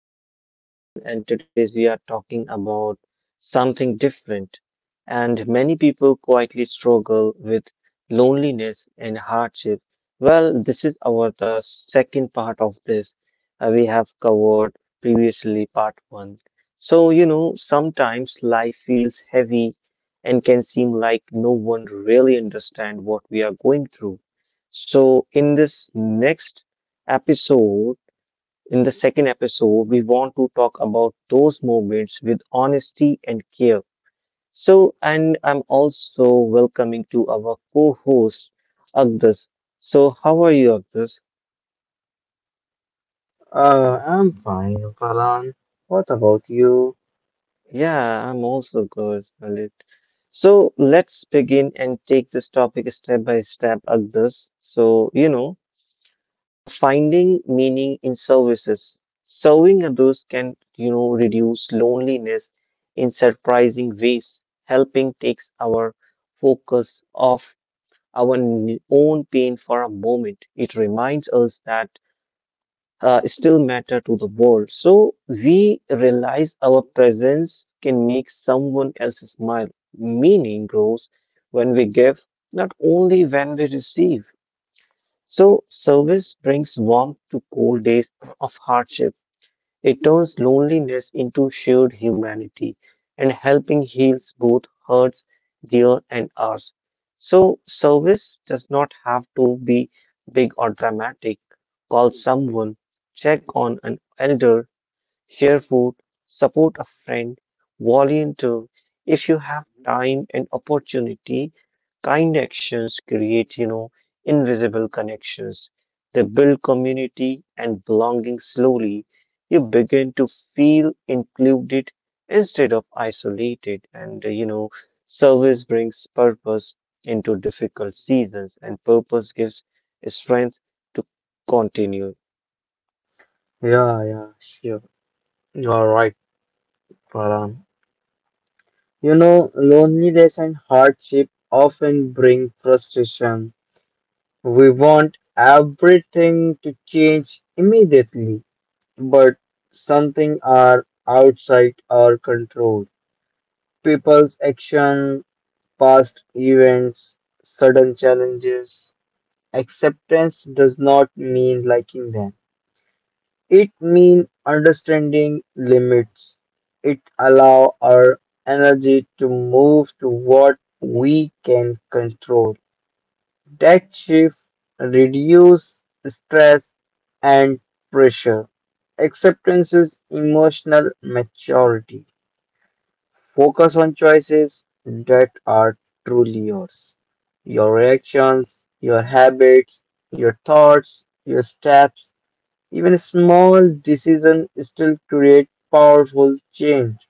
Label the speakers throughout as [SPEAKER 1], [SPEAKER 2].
[SPEAKER 1] And I'm Farhan, and today we are talking about something different. And many people quietly struggle with loneliness and hardship. Well, this is our the second part of this. We have covered previously part one. So, sometimes life feels heavy and can seem like no one really understands what we are going through. So, episode, in the second episode, we want to talk about those moments with honesty and care. So, and I'm also welcoming to our co-host, Agdas. So, how are you, Agdas?
[SPEAKER 2] I'm fine, Farhan. What about you?
[SPEAKER 1] Yeah, I'm also good, Lalit. So, let's begin and take this topic step by step, Agdas. So, finding meaning in services. Serving others can reduce loneliness in surprising ways. Helping takes our focus off our own pain for a moment. It reminds us that still matter to the world. So we realize our presence can make someone else smile. Meaning grows when we give, not only when we receive. So, service brings warmth to cold days of hardship. It turns loneliness into shared humanity, and helping heals both hurts, their and ours. So, service does not have to be big or dramatic. Call someone, check on an elder, share food, support a friend, volunteer if you have time and opportunity. Kind actions create invisible connections. They build community and belonging slowly. You begin to feel included instead of isolated. And service brings purpose into difficult seasons, and purpose gives strength to continue.
[SPEAKER 2] Yeah, yeah, sure. You are right, Farhan. You know, loneliness and hardship often bring frustration. We want everything to change immediately, but something are outside our control. People's action, past events, sudden challenges. Acceptance does not mean liking them. It means understanding limits. It allows our energy to move to what we can control. That shift reduces stress and pressure. Acceptance is emotional maturity. Focus on choices that are truly yours. Your reactions, your habits, your thoughts, your steps even a small decision still create powerful change.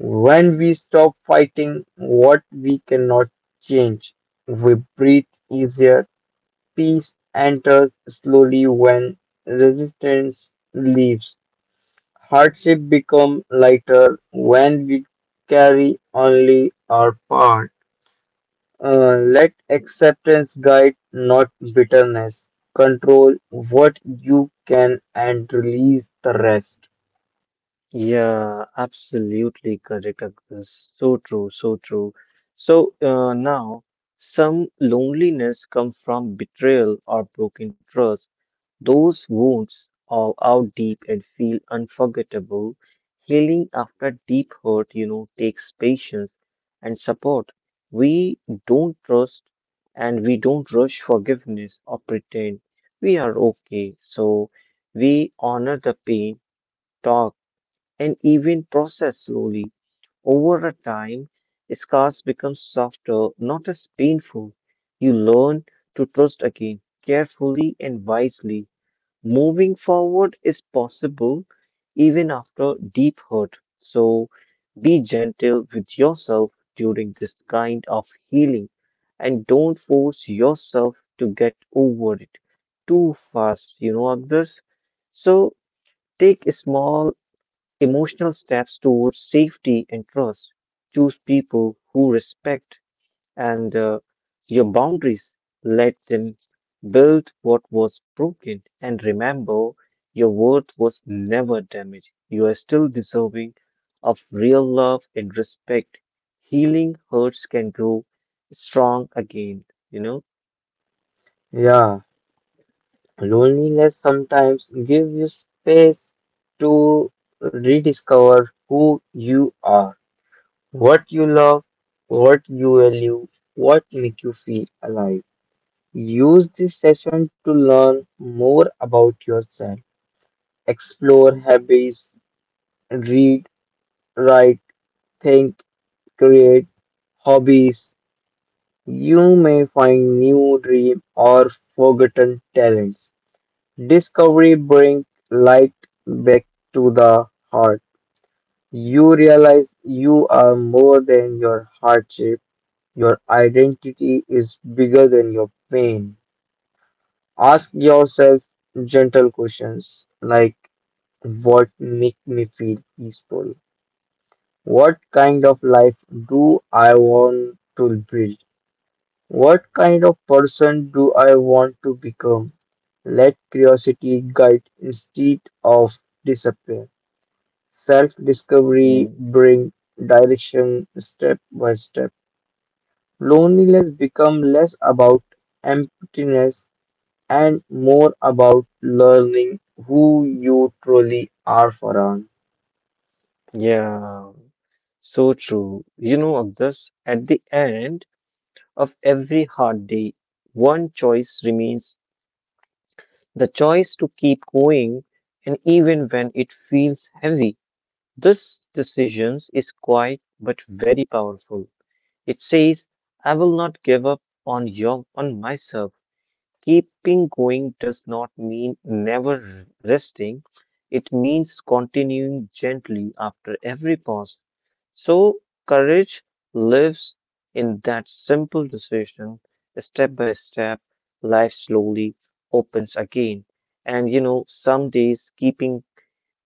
[SPEAKER 2] When we stop fighting what we cannot change, we breathe easier. Peace enters slowly when resistance leaves. Hardship become lighter when we carry only our part. Let acceptance guide, not bitterness. Control what you can and release the rest.
[SPEAKER 1] Yeah, absolutely correct, Agnes. So true, so true. So now, some loneliness comes from betrayal or broken trust. Those wounds are out deep and feel unforgettable. Healing after deep hurt takes patience and support. We don't trust and we don't rush forgiveness or pretend we are okay. So we honor the pain, talk and even processed slowly. Over a time, scars become softer, not as painful. You learn to trust again, carefully and wisely. Moving forward is possible even after deep hurt. So be gentle with yourself during this kind of healing and don't force yourself to get over it too fast, you know, others. So take small emotional steps towards safety and trust. Choose people who respect and your boundaries. Let them build what was broken and remember your worth was never damaged. You are still deserving of real love and respect. Healing hurts can grow strong again, you know?
[SPEAKER 2] Yeah, loneliness sometimes gives you space to rediscover who you are, what you love, what you value, what make you feel alive. Use this session to learn more about yourself, explore habits, read, write, think, create hobbies. You may find new dream or forgotten talents. Discovery brings light back to the heart. You realize you are more than your hardship. Your identity is bigger than your pain. Ask yourself gentle questions like what make me feel peaceful? What kind of life do I want to build? What kind of person do I want to become? Let curiosity guide instead of disappear. Self discovery
[SPEAKER 1] Mm,
[SPEAKER 2] bring direction step by step. Loneliness become less about emptiness and more about learning who you truly are, Farhan.
[SPEAKER 1] yeah. So true. You know, of this at the end, of every hard day, one choice remains the choice to keep going, and even when it feels heavy. This decision is quiet but very powerful. It says, I will not give up on myself. Keeping going does not mean never resting, it means continuing gently after every pause. So, courage lives in that simple decision, step by step, life slowly opens again. And you know, some days keeping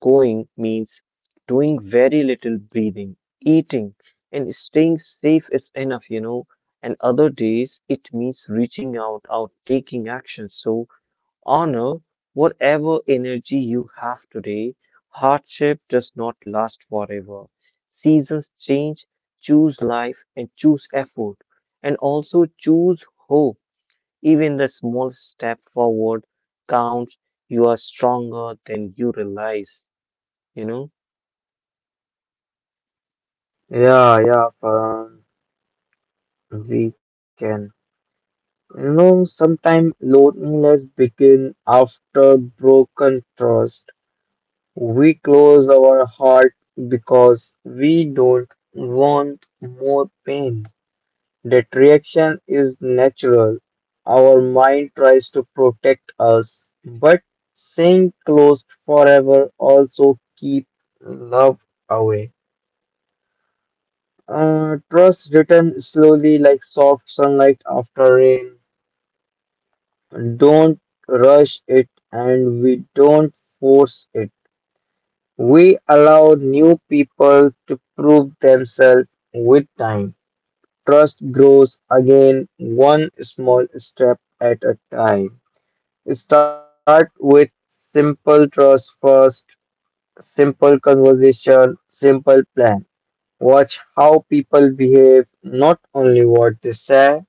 [SPEAKER 1] going means doing very little breathing, eating, and staying safe is enough, you know. And other days, it means reaching out, taking action. So honor whatever energy you have today. Hardship does not last forever. Seasons change. Choose life and choose effort, and also choose hope. Even the small step forward counts. You are stronger than you realize, you know.
[SPEAKER 2] Yeah, yeah, Farhan. We can. You know, sometimes loneliness begin after broken trust. We close our heart because we don't want more pain. That reaction is natural. Our mind tries to protect us, but staying closed forever also keep love away. Trust return slowly like soft sunlight after rain. Don't rush it and we don't force it. We allow new people to prove themselves with time. Trust grows again one small step at a time. Start with simple trust first, simple conversation, simple plan. Watch how people behave, not only what they say.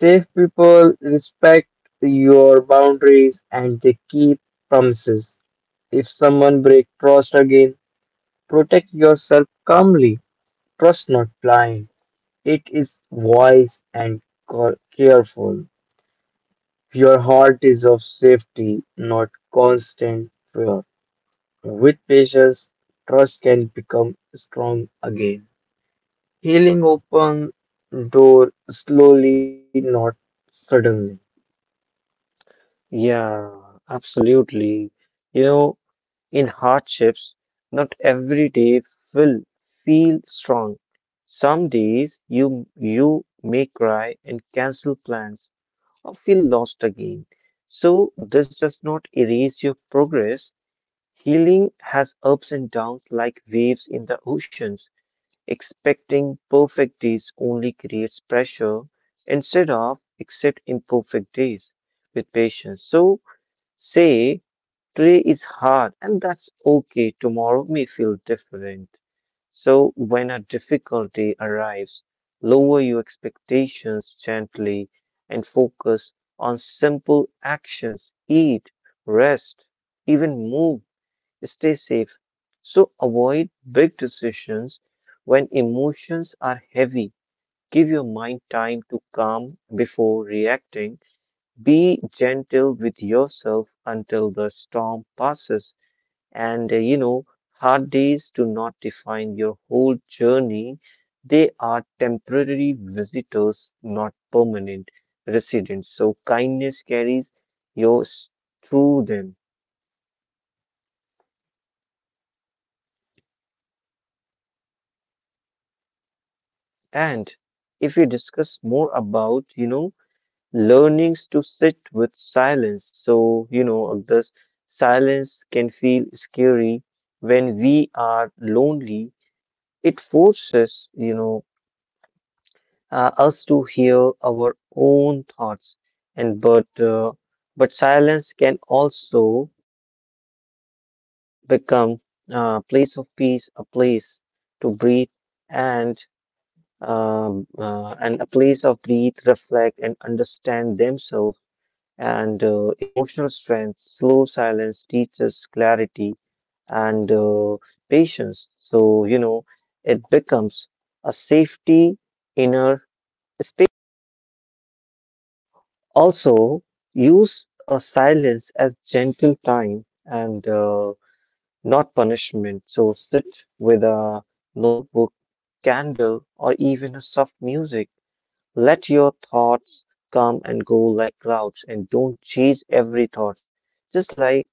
[SPEAKER 2] Safe people respect your boundaries and they keep promises. If someone break trust again, protect yourself calmly. Trust not blind. It is wise and careful. Your heart is of safety, not constant fear. With patience, trust can become strong again. Healing open door slowly, not suddenly.
[SPEAKER 1] Yeah, absolutely. You know, in hardships, not every day will feel strong. Some days you may cry and cancel plans or feel lost again. So this does not erase your progress. Healing has ups and downs like waves in the oceans. Expecting perfect days only creates pressure instead of accept imperfect days with patience. So say, today is hard and that's okay. Tomorrow may feel different. So, when a difficulty arrives, lower your expectations gently and focus on simple actions. Eat, rest, even move. Stay safe. So, avoid big decisions when emotions are heavy. Give your mind time to calm before reacting be gentle with yourself until the storm passes. And uh, you know, hard days do not define your whole journey. They are temporary visitors, not permanent residents. So kindness carries yours through them. And if we discuss more about learnings to sit with silence. So, this silence can feel scary when we are lonely. It forces us to hear our own thoughts, and but silence can also become a place of peace, a place to breathe, and and a place of breathe, reflect, and understand themselves. And emotional strength, slow silence teaches clarity and patience. So it becomes a safety inner. Also, use silence as gentle time and not punishment. So, sit with a notebook, candle, or even a soft music. Let your thoughts come and go like clouds and don't chase every thought. Just like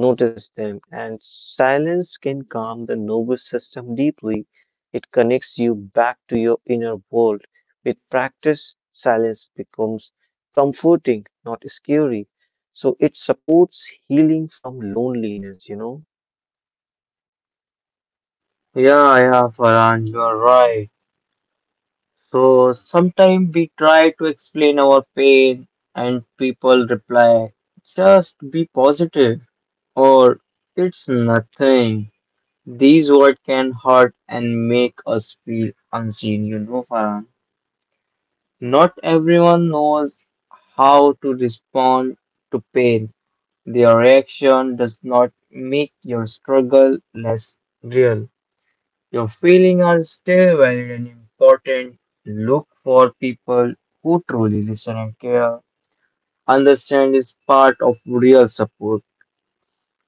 [SPEAKER 1] notice them and silence can calm the nervous system deeply. It connects you back to your inner world. With practice, silence becomes comforting, not scary. So it supports healing from loneliness, you know?
[SPEAKER 2] Yeah, yeah, Farhan, you are right. So sometimes we try to explain our pain and people reply, just be positive or it's nothing. These words can hurt and make us feel unseen, you know, Farhan. Not everyone knows how to respond to pain. Their reaction does not make your struggle less real. Your feelings are still valid and important. Look for people who truly listen and care. Understand is part of real support.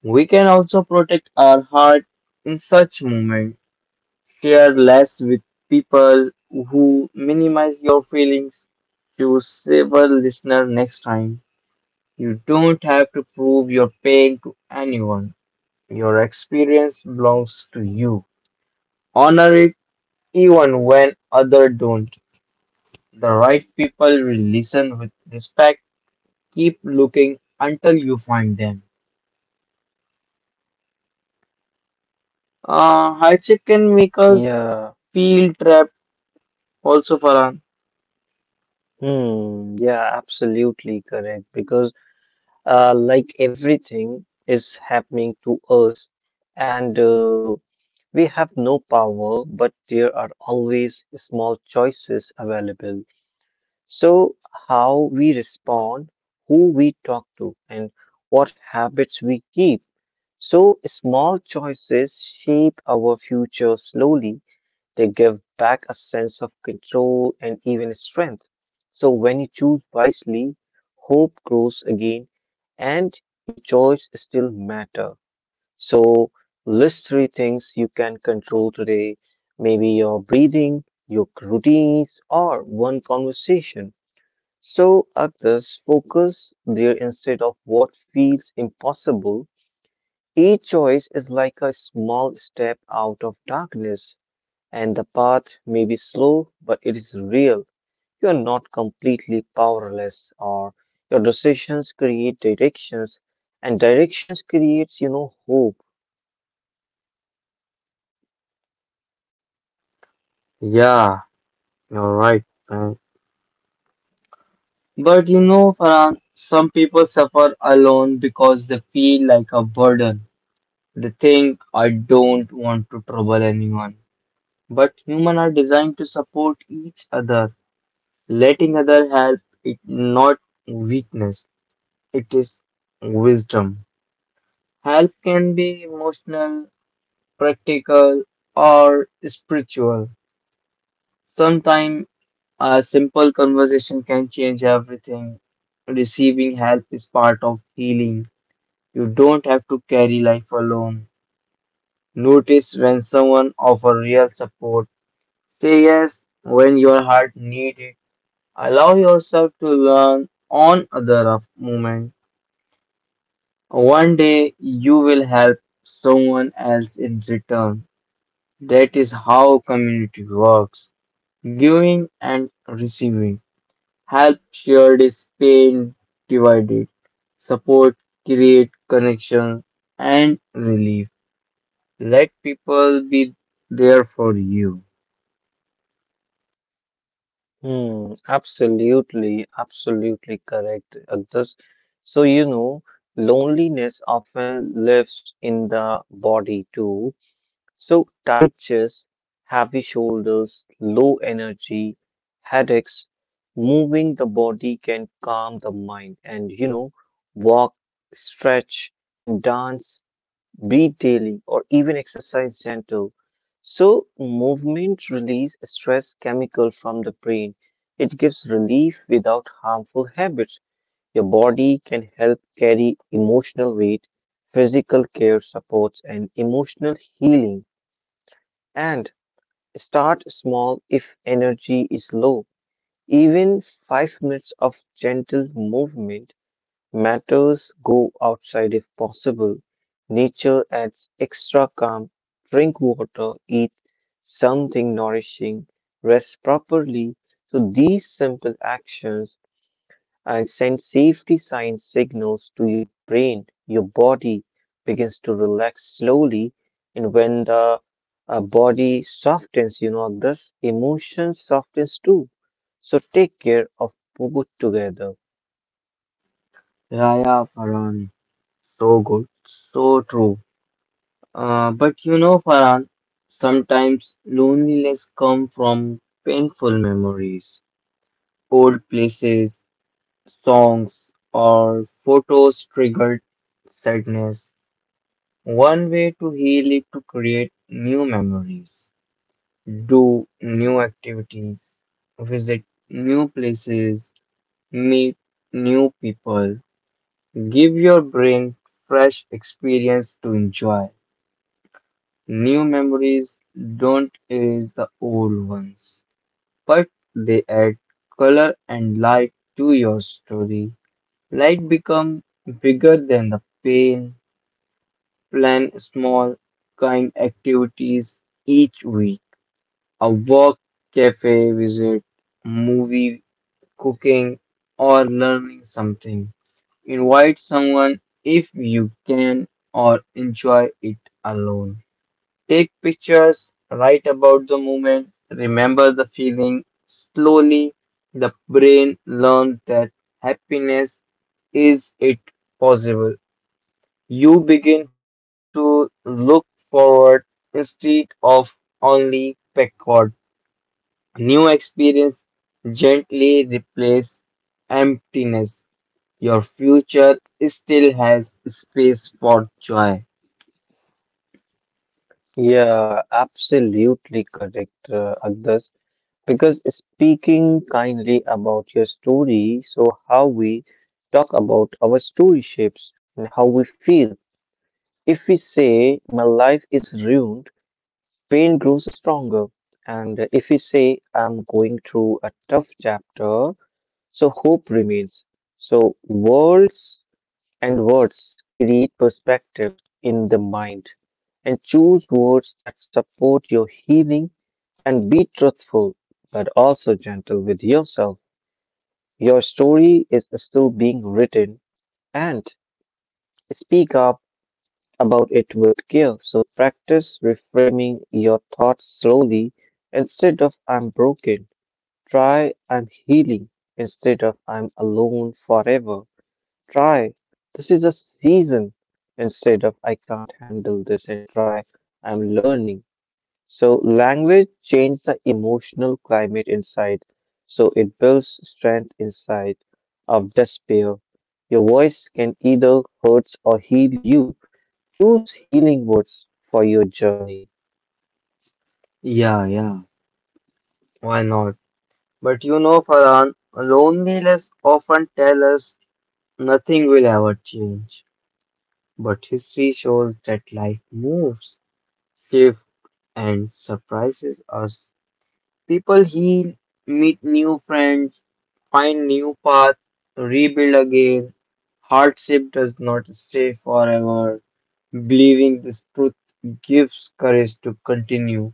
[SPEAKER 2] We can also protect our heart in such moments. Share less with people who minimize your feelings to save a listener next time. You don't have to prove your pain to anyone. Your experience belongs to you. Honor it even when others don't. The right people will listen with respect. Keep looking until you find them. Hardship can make us
[SPEAKER 1] Yeah.
[SPEAKER 2] feel trapped also, Farhan.
[SPEAKER 1] Hmm. Yeah, absolutely correct. Because like everything is happening to us and we have no power, but there are always small choices available. So, how we respond, who we talk to, and what habits we keep. So, small choices shape our future slowly they give back a sense of control and even strength. So when you choose wisely, hope grows again and your choice still matter. So list three things you can control today. Maybe your breathing, your routines or one conversation. So others focus there instead of what feels impossible. Each choice is like a small step out of darkness and the path may be slow, but it is real. You are not completely powerless, or your decisions create directions, and directions creates hope.
[SPEAKER 2] Yeah, you're right. Man. But you know, Farhan, some people suffer alone because they feel like a burden. They think, I don't want to trouble anyone. But humans are designed to support each other. Letting other help is not weakness, it is wisdom. Help can be emotional, practical, or spiritual. Sometimes a simple conversation can change everything. Receiving help is part of healing. You don't have to carry life alone. Notice when someone offers real support. Say yes when your heart needs it. Allow yourself to learn on other of moment. One day you will help someone else in return. That is how community works. Giving and receiving. Help shared is pain divided. Support create connection and relief. Let people be there for you.
[SPEAKER 1] Hmm, absolutely, absolutely correct. So you know, loneliness often lives in the body too. So, tight chest, heavy shoulders, low energy, headaches, moving the body can calm the mind. And walk, stretch, and dance, breathe daily, or even exercise gentle. So, movement release stress chemical from the brain. It gives relief without harmful habits. Your body can help carry emotional weight, physical care supports, and emotional healing. And start small if energy is low. Even 5 minutes of gentle movement matters. Go outside if possible. Nature adds extra calm. Drink water, eat something nourishing, rest properly. So, these simple actions and send safety signals to your brain. Your body begins to relax slowly, and when the body softens, this emotion softens too. So take care of both together.
[SPEAKER 2] Raya Farhan, so good, so true. But you know, Farhan, sometimes loneliness come from painful memories, old places, songs, or photos triggered sadness. One way to heal it to create new memories, do new activities, visit new places, meet new people. Give your brain fresh experience to enjoy. New memories don't erase the old ones, but they add color and light to your story. Light become bigger than the pain. Plan small, kind activities each week. A walk, cafe visit, movie, cooking, or learning something. Invite someone if you can or enjoy it alone. Take pictures, write about the moment, remember the feeling. Slowly, the brain learns that happiness is it possible. You begin to look forward instead of only backward. New experience gently replace emptiness. Your future still has space for joy.
[SPEAKER 1] Yeah, absolutely correct, Agdas. Because speaking kindly about your story, so how we talk about our story shapes and how we feel. If we say my life is ruined, pain grows stronger. And if we say, I'm going through a tough chapter, so hope remains. So words and words create perspective in the mind and choose words that support your healing and be truthful, but also gentle with yourself. Your story is still being written and speak up about it with care. So practice reframing your thoughts slowly instead of I'm broken. Try I'm healing instead of I'm alone forever. Try this is a season instead of I can't handle this and try I'm learning. So language changes the emotional climate inside. So it builds strength inside of despair. Your voice can either hurt or heal you. Choose healing words for your journey.
[SPEAKER 2] Yeah, yeah, why not? But you know, Farhan, loneliness often tells us nothing will ever change. But history shows that life moves, shifts, and surprises us. People heal, meet new friends, find new paths, rebuild again. Hardship does not stay forever. Believing this truth gives courage to continue.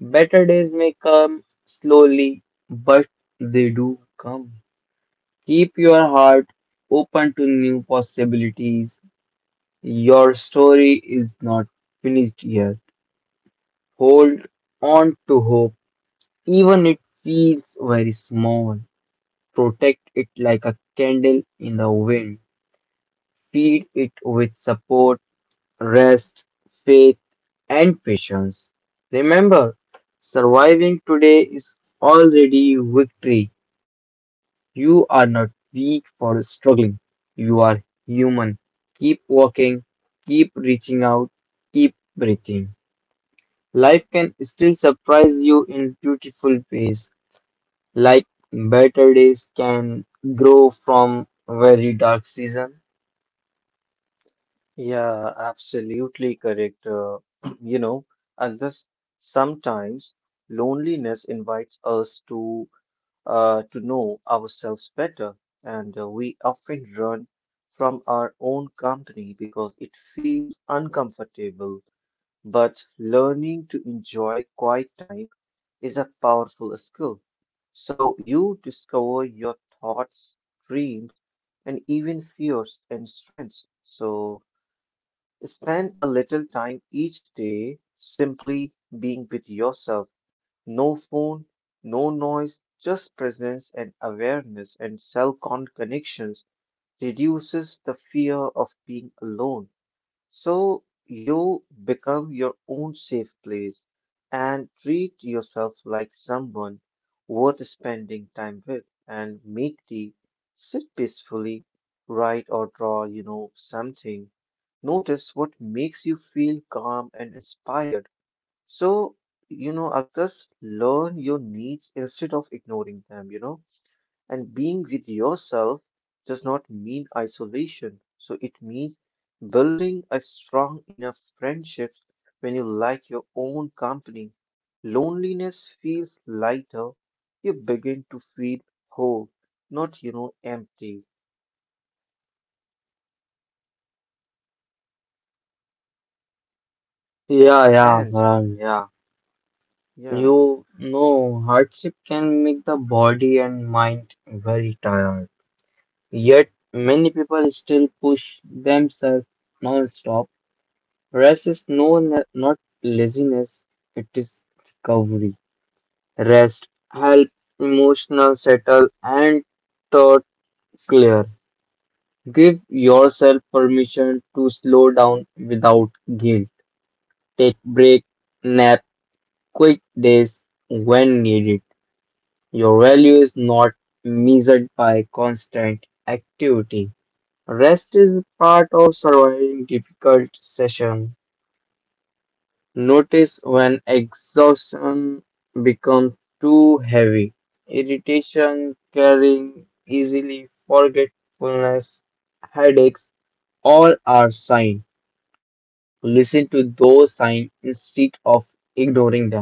[SPEAKER 2] Better days may come slowly, but they do come. Keep your heart open to new possibilities. Your story is not finished yet. Hold on to hope, even it feels very small. Protect it like a candle in the wind. Feed it with support rest, faith, and patience. Remember, surviving today is already victory. You are not weak for struggling. You are human. Keep walking, keep reaching out, keep breathing. Life can still surprise you in beautiful ways, like better days can grow from very dark season.
[SPEAKER 1] Yeah, absolutely correct. You know, and just sometimes loneliness invites us to know ourselves better, and we often run from our own company because it feels uncomfortable. But learning to enjoy quiet time is a powerful skill. So you discover your thoughts, dreams, and even fears and strengths. So spend a little time each day simply being with yourself. No phone, no noise, just presence and awareness and self-con connections reduces the fear of being alone. So you become your own safe place and treat yourself like someone worth spending time with and make tea, sit peacefully, write or draw, something. Notice what makes you feel calm and inspired. So, others learn your needs instead of ignoring them, you know. And being with yourself does not mean isolation. So it means building a strong enough friendship when you like your own company. Loneliness feels lighter. You begin to feel whole, not empty.
[SPEAKER 2] Yeah, yeah,
[SPEAKER 1] And
[SPEAKER 2] Varun, yeah.
[SPEAKER 1] yeah,
[SPEAKER 2] You know, hardship can make the body and mind very tired. Yet, many people still push themselves non-stop. Rest is no, not laziness, it is recovery. Rest help emotional settle and thought clear. Give yourself permission to slow down without guilt. Take break, nap, quick days when needed. Your value is not measured by constant activity. Rest is part of surviving difficult session. Notice when exhaustion becomes too heavy, irritation, carrying easily forgetfulness, headaches, all are signs. Listen to those signs instead of ignoring them.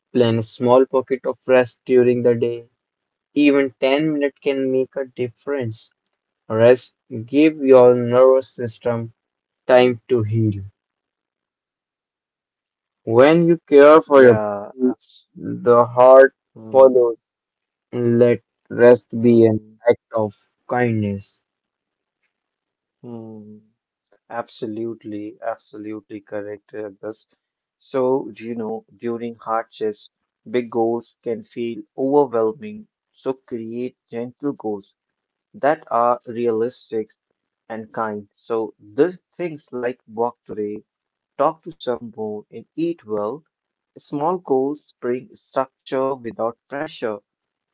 [SPEAKER 2] Plan a small pocket of rest during the day. Even 10 minutes can make a difference. Rest give your nervous system time to heal. When you care for your
[SPEAKER 1] yeah,
[SPEAKER 2] body, the heart
[SPEAKER 1] mm,
[SPEAKER 2] follows. Let rest be an
[SPEAKER 1] mm,
[SPEAKER 2] act of kindness.
[SPEAKER 1] mm. absolutely, absolutely correct. This So, you know, During hardships, big goals can feel overwhelming. So, create gentle goals that are realistic and kind. So these things like walk today, talk to someone, and eat well. Small goals bring structure without pressure.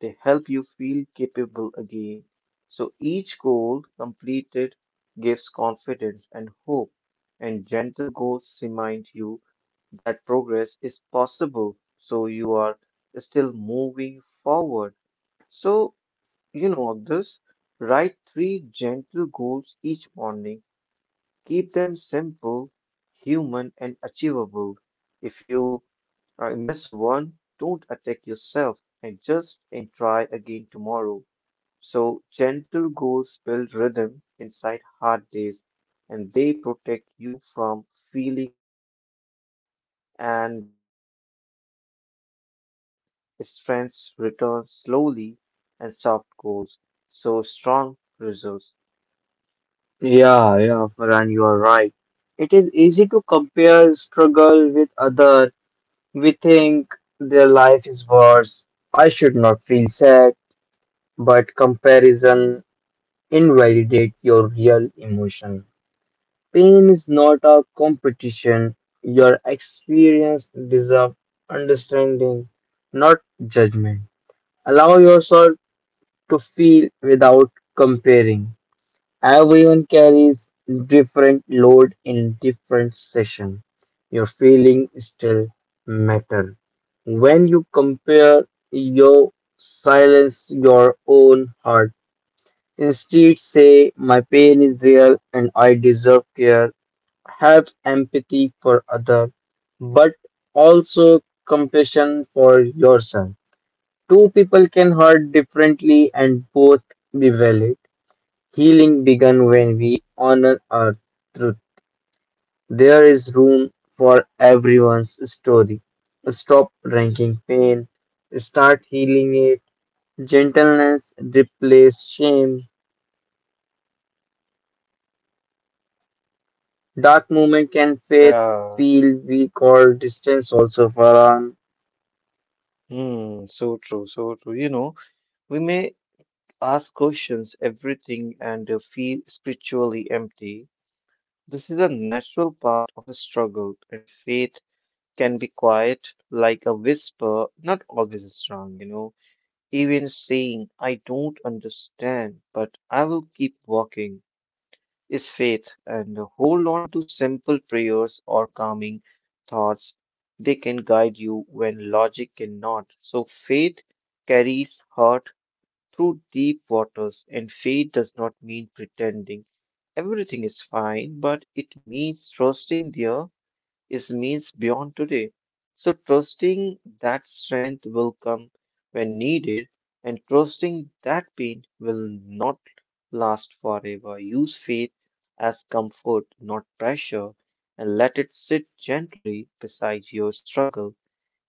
[SPEAKER 1] They help you feel capable again. So each goal completed gives confidence and hope, and gentle goals remind you that progress is possible. So you are still moving forward. So you know this. Write three gentle goals each morning. Keep them simple, human, and achievable. If you miss one, don't attack yourself and just and try again tomorrow. So gentle goals build rhythm inside hard days, and they protect you from feeling lost. Thus, step by step, strength returns slowly, and soft goals. So strong results.
[SPEAKER 2] Yeah, yeah, Farhan, you are right. It is easy to compare struggle with other. We think their life is worse. I should not feel sad, but comparison invalidates your real emotion. Pain is not a competition. Your experience deserves understanding, not judgment. Allow yourself to feel without comparing. Everyone carries different load in different session. Your feeling still matter. When you compare you silence your own heart. Instead say my pain is real and I deserve care have empathy for other but also compassion for yourself two people can hurt differently and both be valid healing began when we honor our truth there is room for everyone's story stop ranking pain start healing it gentleness replace shame dark moment can fade
[SPEAKER 1] Yeah.
[SPEAKER 2] feel weak or distance also for
[SPEAKER 1] Hmm, so true, so true. You know, we may ask questions, everything, and feel spiritually empty. This is a natural part of a struggle, and faith can be quiet, like a whisper, not always strong, you know. Even saying, "I don't understand, but I will keep walking," is faith, and hold on to simple prayers or calming thoughts. They can guide you when logic cannot. So faith carries heart through deep waters, and faith does not mean pretending everything is fine, but it means trusting their is needs beyond today. So trusting that strength will come when needed, and trusting that pain will not last forever. Use faith as comfort, not pressure, and let it sit gently beside your struggle.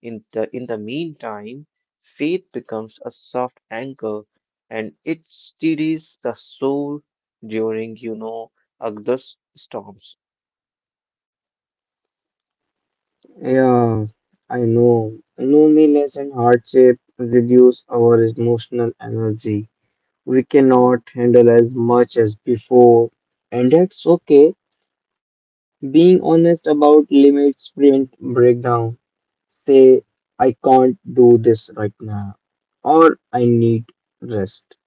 [SPEAKER 1] In the meantime, faith becomes a soft anchor, and it steadies the soul during, you know, August storms.
[SPEAKER 2] yeah, I know. Loneliness and hardship reduce our emotional energy. We cannot handle as much as before, and that's okay. Being honest about limits prevent breakdown. Say, I can't do this right now, or I need rest.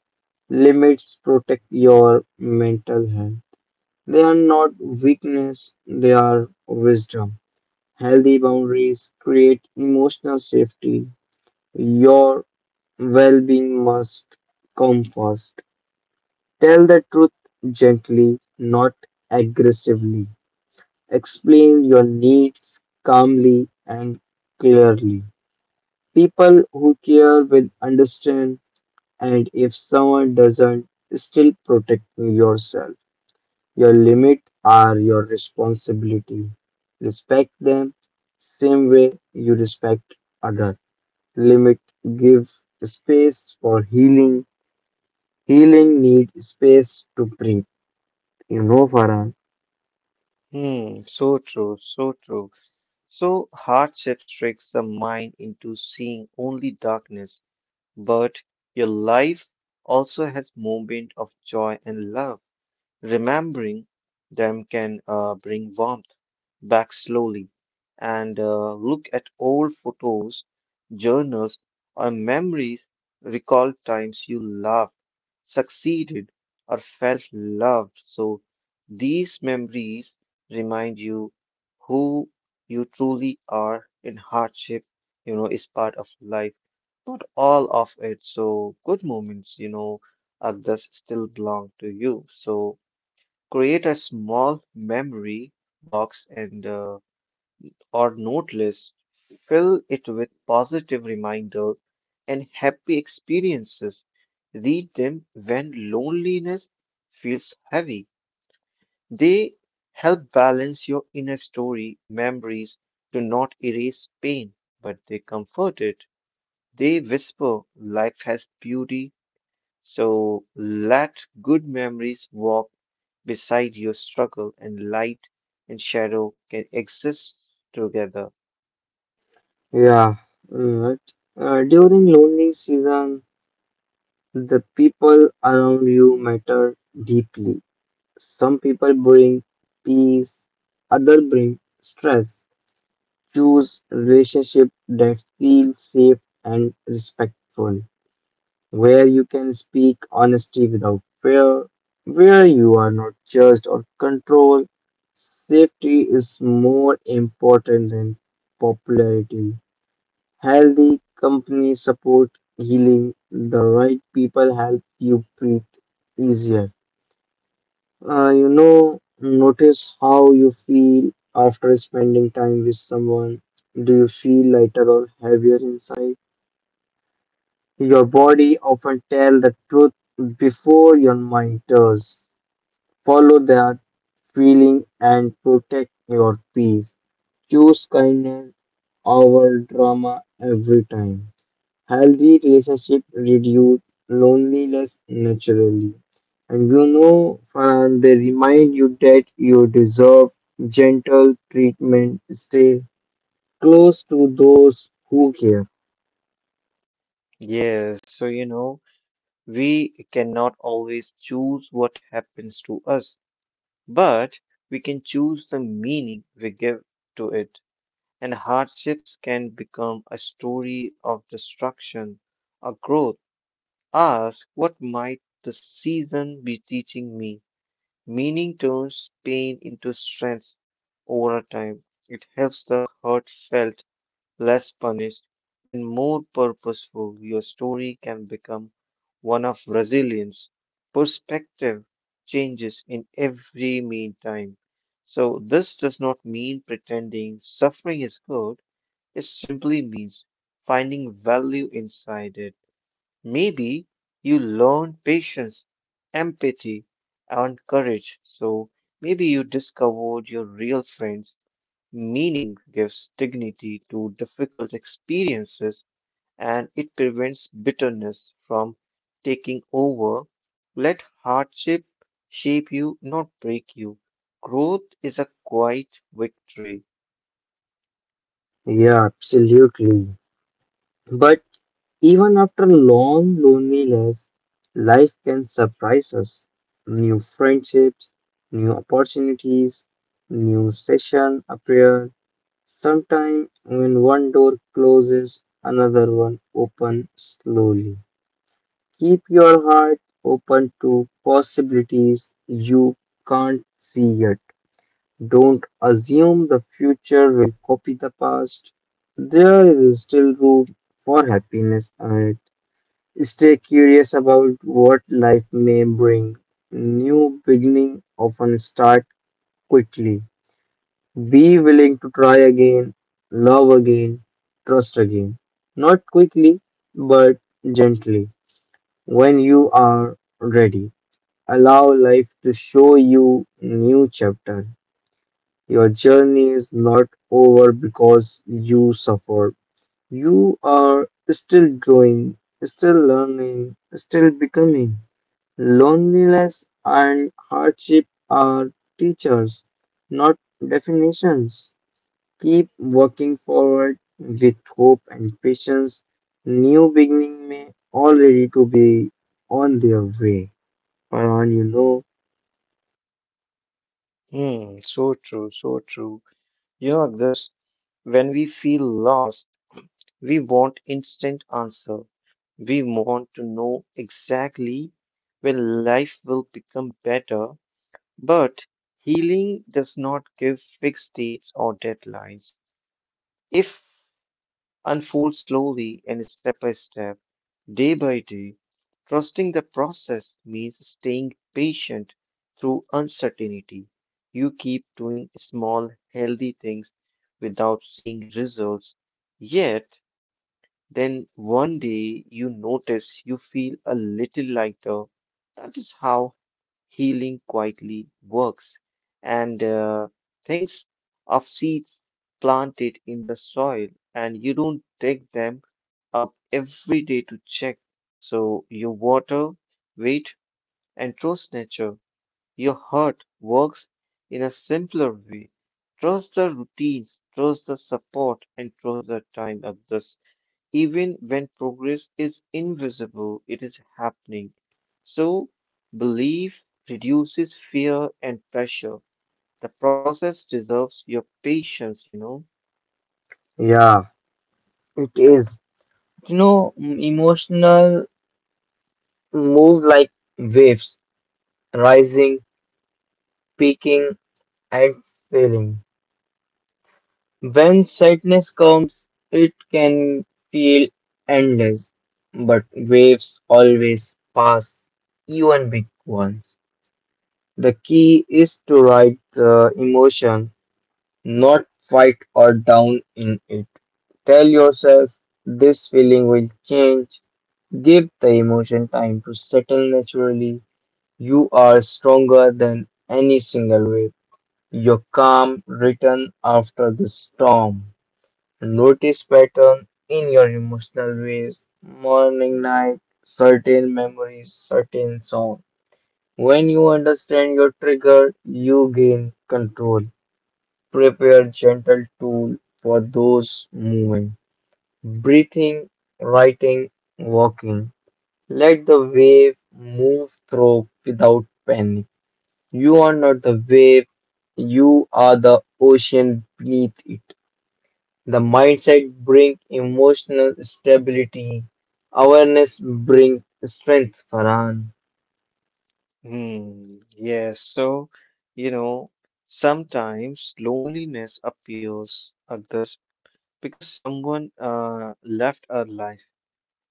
[SPEAKER 2] Limits protect your mental health. They are not weakness, they are wisdom. Healthy boundaries create emotional safety. Your well being must come first. Tell the truth gently, not aggressively. Explain your needs calmly and clearly. People who care will understand, and if someone doesn't, still protect yourself. Your limits are your responsibility. Respect them same way you respect others. Limit give space for healing healing need space to breathe you know Farhan.
[SPEAKER 1] Hmm, so true, so true. So hardship tricks the mind into seeing only darkness, but your life also has moments of joy and love. Remembering them can bring warmth back slowly, and look at old photos, journals, or memories. Recall times you loved, succeeded, or felt loved. So these memories remind you who you truly are in hardship, you know, is part of life. Not all of it. So good moments, you know, others still belong to you. So create a small memory box and or note list, fill it with positive reminders and happy experiences. Read them when loneliness feels heavy. They help balance your inner story. Memories do not erase pain, but they comfort it. They whisper, life has beauty. So let good memories walk beside your struggle, and light and shadow can exist together.
[SPEAKER 2] Yeah. Mm. During lonely season the people around you matter deeply some people bring peace other bring stress choose relationship that feel safe and respectful where you can speak honesty without fear where you are not judged or controlled. Safety is more important than popularity. Healthy companies support healing. The right people help you breathe easier. You know, notice how you feel after spending time with someone. Do you feel lighter or heavier inside? Your body often tells the truth before your mind does. Follow that feeling and protect your peace. Choose kindness over drama every time. Healthy relationships reduce loneliness naturally. And you know, Farhan, they remind you that you deserve gentle treatment. Stay close to those who care.
[SPEAKER 1] Yes, so you know, we cannot always choose what happens to us, but we can choose the meaning we give to it. And hardships can become a story of destruction or growth. Ask, what might the season be teaching me? Meaning turns pain into strength over time. It helps the hurt felt less punished and more purposeful. Your story can become one of resilience. Perspective changes in every meantime. So this does not mean pretending suffering is good, it simply means finding value inside it. Maybe you learn patience, empathy, and courage. So maybe you discovered your real friends. Meaning gives dignity to difficult experiences, and it prevents bitterness from taking over. Let hardship shape you, not break you. Growth is a quiet victory.
[SPEAKER 2] Yeah, absolutely. But even after long loneliness, life can surprise us. New friendships, new opportunities, new session appear. Sometimes when one door closes, another one opens slowly. Keep your heart open to possibilities you can't see yet. Don't assume the future will copy the past. There is still room for happiness ahead. Stay curious about what life may bring. New beginning often start quickly. Be willing to try again, love again, trust again. Not quickly, but gently. When you are ready, allow life to show you new chapter. Your journey is not over because you suffered. You are still growing, still learning, still becoming. Loneliness and hardship are teachers, not definitions. Keep working forward with hope and patience. New beginning may already to be on their way. Farhan, you know,
[SPEAKER 1] Hmm, so true, so true. You know, this when we feel lost, we want instant answer. We want to know exactly when life will become better, but healing does not give fixed dates or deadlines. If unfolds slowly, and step by step, day by day, trusting the process means staying patient through uncertainty. You keep doing small, healthy things without seeing results yet. Then one day you notice you feel a little lighter. That is how healing quietly works. And things of seeds planted in the soil, and you don't dig them up every day to check. So you water, wait, and trust nature. Your heart works in a simpler way. Trust the routines, trust the support, and trust the time of this. Even when progress is invisible, it is happening. So belief reduces fear and pressure. The process deserves your patience, you know.
[SPEAKER 2] yeah, it is. You know, emotional move like waves, rising, peaking, and failing. When sadness comes, it can feel endless, but waves always pass, even big ones. The key is to ride the emotion, not fight or down in it. Tell yourself this feeling will change. Give the emotion time to settle naturally. You are stronger than any single wave. Your calm return after the storm. Notice pattern in your emotional ways, morning, night, certain memories, certain song. When you understand your trigger, you gain control. Prepare gentle tool for those movements. Breathing, writing, walking. Let the wave move through without panic. You are not the wave, you are the ocean beneath it. The mindset bring emotional stability. Awareness bring strength, Farhan.
[SPEAKER 1] Hmm, yes, so, you know, sometimes loneliness appears at because someone left our life,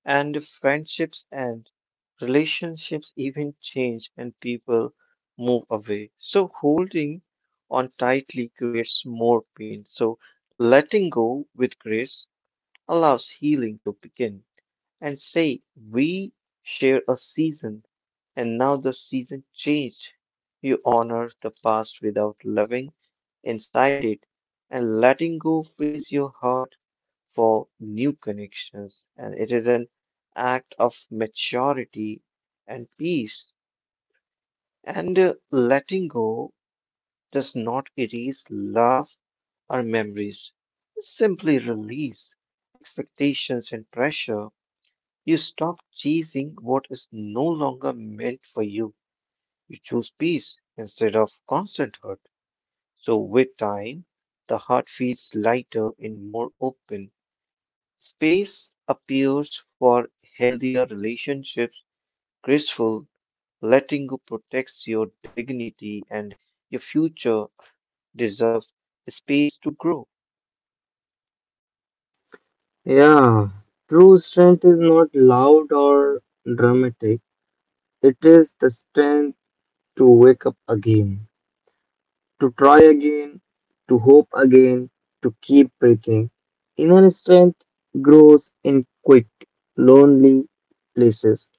[SPEAKER 1] and friendships end, relationships even change, and people move away. So, holding on tightly creates more pain. So, letting go with grace allows healing to begin. And say, we share a season, and now the season changed. You honor the past without living inside it, and letting go frees your heart for new connections, and it is an act of maturity and peace. And letting go does not erase love or memories, simply release expectations and pressure. You stop chasing what is no longer meant for you. You choose peace instead of constant hurt. So, with time, the heart feels lighter and more open. Space appears for healthier relationships. Graceful, letting go protects your dignity, and your future deserves space to grow.
[SPEAKER 2] Yeah, true strength is not loud or dramatic. It is the strength to wake up again, to try again, to hope again, to keep breathing. Inner strength grows in quiet, lonely places.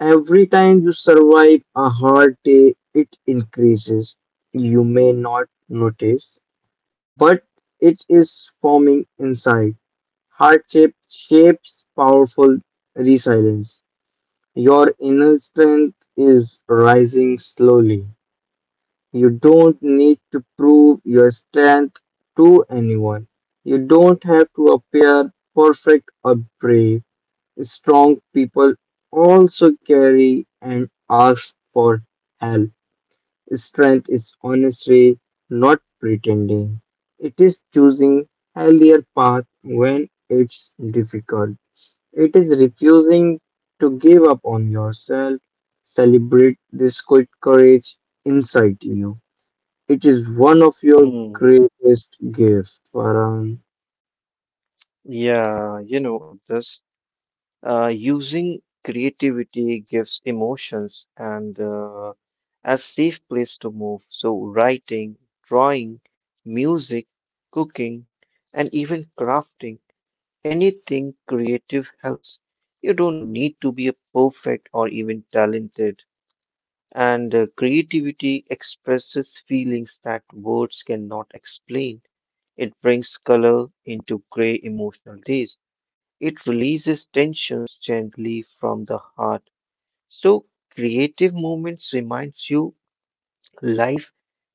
[SPEAKER 2] Every time you survive a hard day, it increases. You may not notice, but it is forming inside. Hardship shapes powerful resilience. Your inner strength is rising slowly. You don't need to prove your strength to anyone. You don't have to appear perfect or brave. Strong people also carry and ask for help. Strength is honesty, not pretending. It is choosing healthier path when it's difficult. It is refusing to give up on yourself. Celebrate this quick courage inside you. It is one of your
[SPEAKER 1] Hmm.
[SPEAKER 2] greatest gifts, Farhan.
[SPEAKER 1] Yeah, you know, Agdas, using creativity gives emotions and a safe place to move. So, writing, drawing, music, cooking, and even crafting, anything creative helps. You don't need to be a perfect or even talented. And creativity expresses feelings that words cannot explain. It brings color into gray emotional days. It releases tensions gently from the heart. So, creative moments reminds you life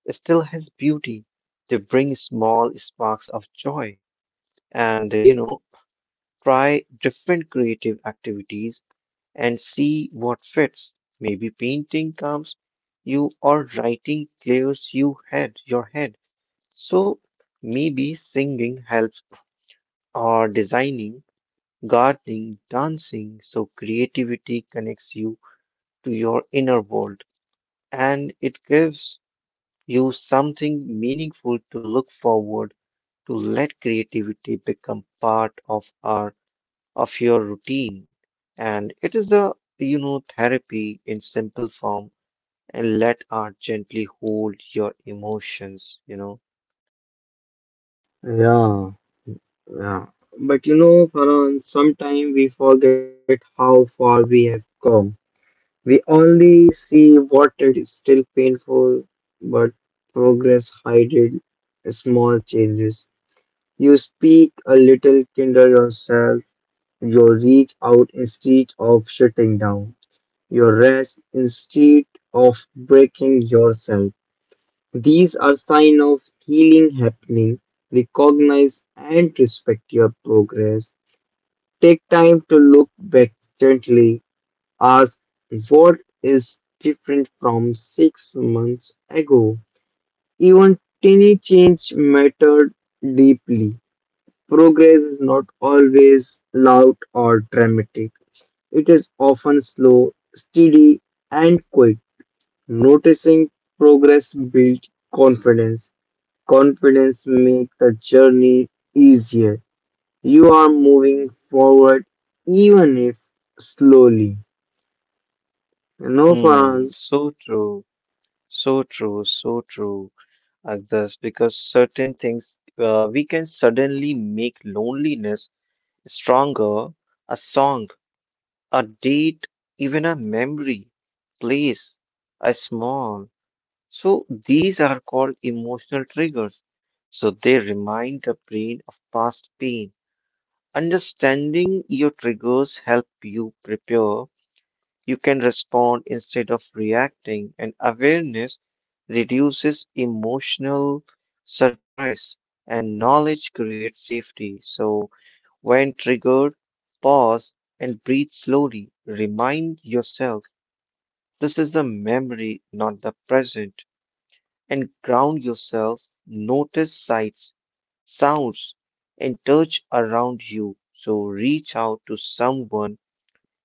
[SPEAKER 1] still has beauty. They bring small sparks of joy, and, you know, try different creative activities and see what fits. Maybe painting calms you, or writing clears your head. So maybe singing helps, or designing, gardening, dancing. So creativity connects you to your inner world, and it gives you something meaningful to look forward to. Let creativity become part of our of your routine, and it is a, you know, therapy in simple form, and let art gently hold your emotions, you know.
[SPEAKER 2] Yeah. Yeah. But you know, Farhan, sometimes we forget how far we have come. We only see what is still painful, but progress hidden small changes. You speak a little, kindle yourself, you reach out instead of shutting down, you rest instead of breaking yourself. These are signs of healing happening. Recognize and respect your progress. Take time to look back gently. Ask what is different from 6 months ago. Even tiny change mattered deeply. Progress is not always loud or dramatic. It is often slow, steady, and quick. Noticing progress builds confidence. Confidence makes the journey easier. You are moving forward even if slowly. You know,
[SPEAKER 1] Hmm,
[SPEAKER 2] Farhan?
[SPEAKER 1] so true, so true, so true, Agdas, because certain things we can suddenly make loneliness stronger. A song, a date, even a memory, place, a small. So these are called emotional triggers. So they remind the brain of past pain. Understanding your triggers help you prepare. You can respond instead of reacting, and awareness reduces emotional surprise, and knowledge creates safety. So, when triggered, pause and breathe slowly. Remind yourself this is the memory, not the present, and ground yourself. Notice sights, sounds, and touch around you. So, reach out to someone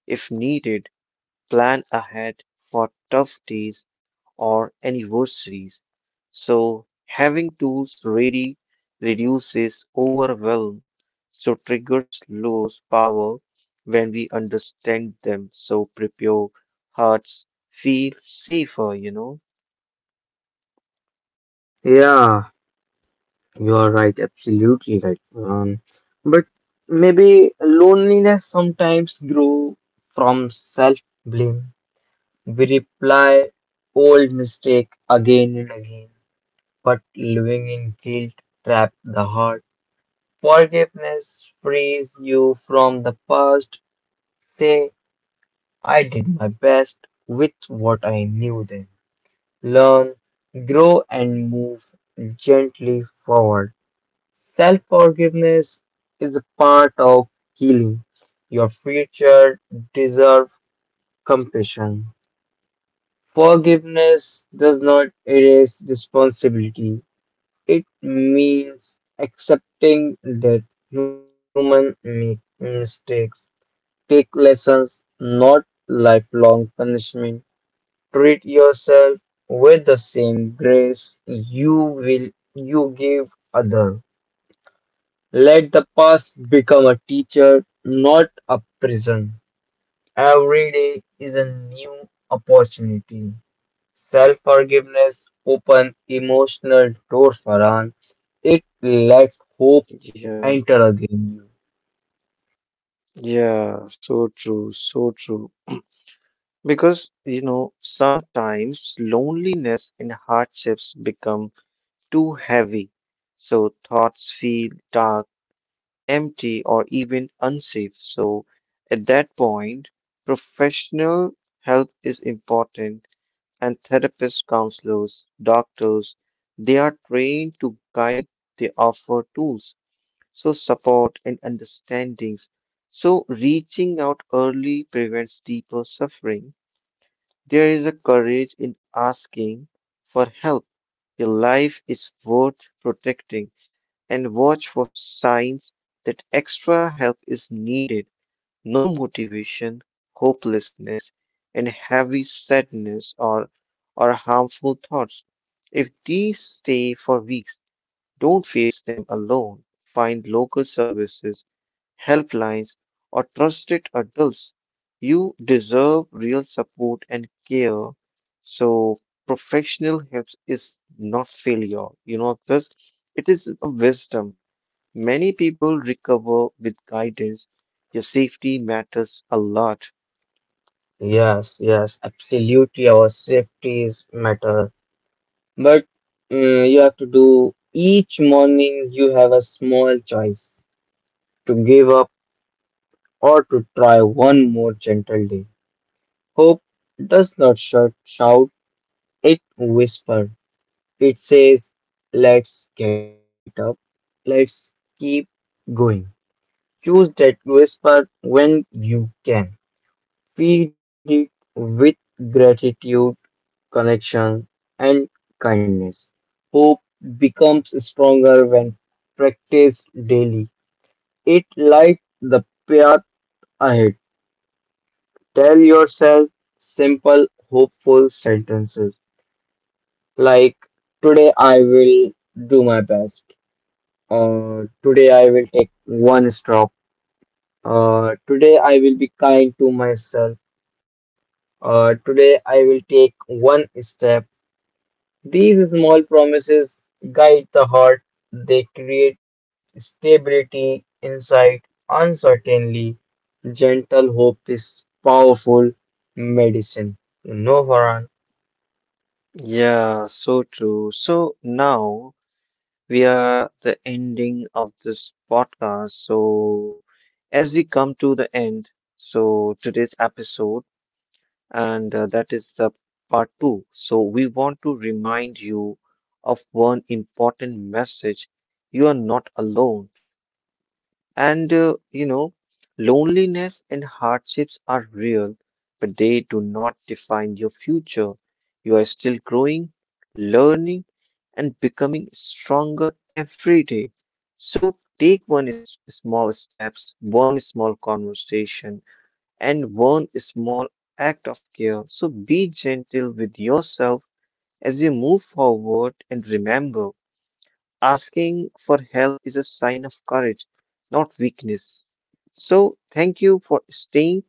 [SPEAKER 1] if needed, plan ahead for tough days or anniversaries. So, having tools ready reduces overwhelm, so triggers lose power when we understand them. So, prepare hearts feel safer, you know.
[SPEAKER 2] Yeah, you are right, absolutely right, Farhan. But maybe loneliness sometimes grows from self blame. We reply old mistake again and again, but living in guilt trap the heart. Forgiveness frees you from the past. Say, I did my best with what I knew then. Learn, grow, and move gently forward. Self forgiveness is a part of healing. Your future deserves compassion. Forgiveness does not erase responsibility, it means accepting that human make mistakes, take lessons, not lifelong punishment. Treat yourself with the same grace you will you give other. Let the past become a teacher, not a prison. Every day is a new opportunity. Self-forgiveness open emotional doors for us. It lets hope
[SPEAKER 1] Yeah,
[SPEAKER 2] enter again.
[SPEAKER 1] yeah, so true, so true. Because, you know, sometimes loneliness and hardships become too heavy. So thoughts feel dark, empty, or even unsafe. So, at that point, professional help is important, and therapists, counselors, doctors, they are trained to guide, they offer tools, so support and understandings. So, reaching out early prevents deeper suffering. There is a courage in asking for help. Your life is worth protecting, and watch for signs that extra help is needed. No motivation, hopelessness, and heavy sadness, or harmful thoughts. If these stay for weeks, don't face them alone. Find local services, helplines, or trusted adults. You deserve real support and care. So, professional help is not failure. You know, just it is a wisdom. Many people recover with guidance. Your safety matters a lot.
[SPEAKER 2] You. Yes, yes, absolutely. Our safety is matter. But you have to do each morning, you have a small choice to give up or to try one more gentle day. Hope does not shout, it whispers. It says, let's get up, let's keep going. Choose that whisper when you can. Feed it with gratitude connection, and kindness. Hope becomes stronger when practiced daily. It lights the path ahead. Tell yourself simple, hopeful sentences like, today I will do my best, or today I will take one stop, or today I will be kind to myself, or today I will take one step. These small promises guide the heart, they create stability inside uncertainly. Gentle hope is powerful medicine. You know, Farhan.
[SPEAKER 1] Yeah, so true. So now we are the ending of this podcast. So as we come to the end, so today's episode, and that is the part two. So we want to remind you of one important message. You are not alone. And you know, loneliness and hardships are real, but they do not define your future. You are still growing, learning, and becoming stronger every day. So take small steps, one small conversation, and one small act of care. So be gentle with yourself as you move forward and remember. Asking for help is a sign of courage, not weakness. So, thank you for staying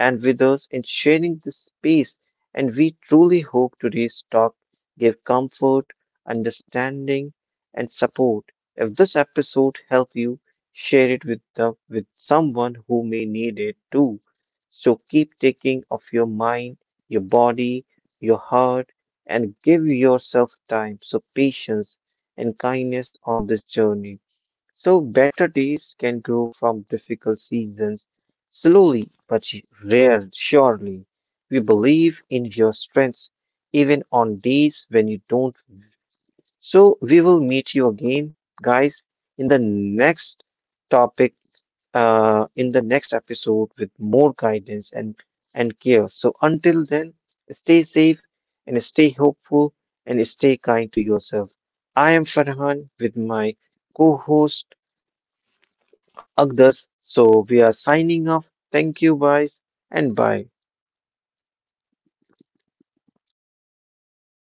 [SPEAKER 1] and with us in sharing this space. And we truly hope today's talk gave comfort, understanding, and support. If this episode helped you, share it with someone who may need it too. So keep taking of your mind, your body, your heart, and give yourself time, so patience and kindness on this journey. So better days can grow from difficult seasons, slowly but rare surely. We believe in your strengths even on days when you don't. So we will meet you again, guys, in the next topic, in the next episode with more guidance and care. So until then, stay safe, and stay hopeful, and stay kind to yourself. I am Farhan with my co-host Agdas. So we are signing off. Thank you, guys, and bye.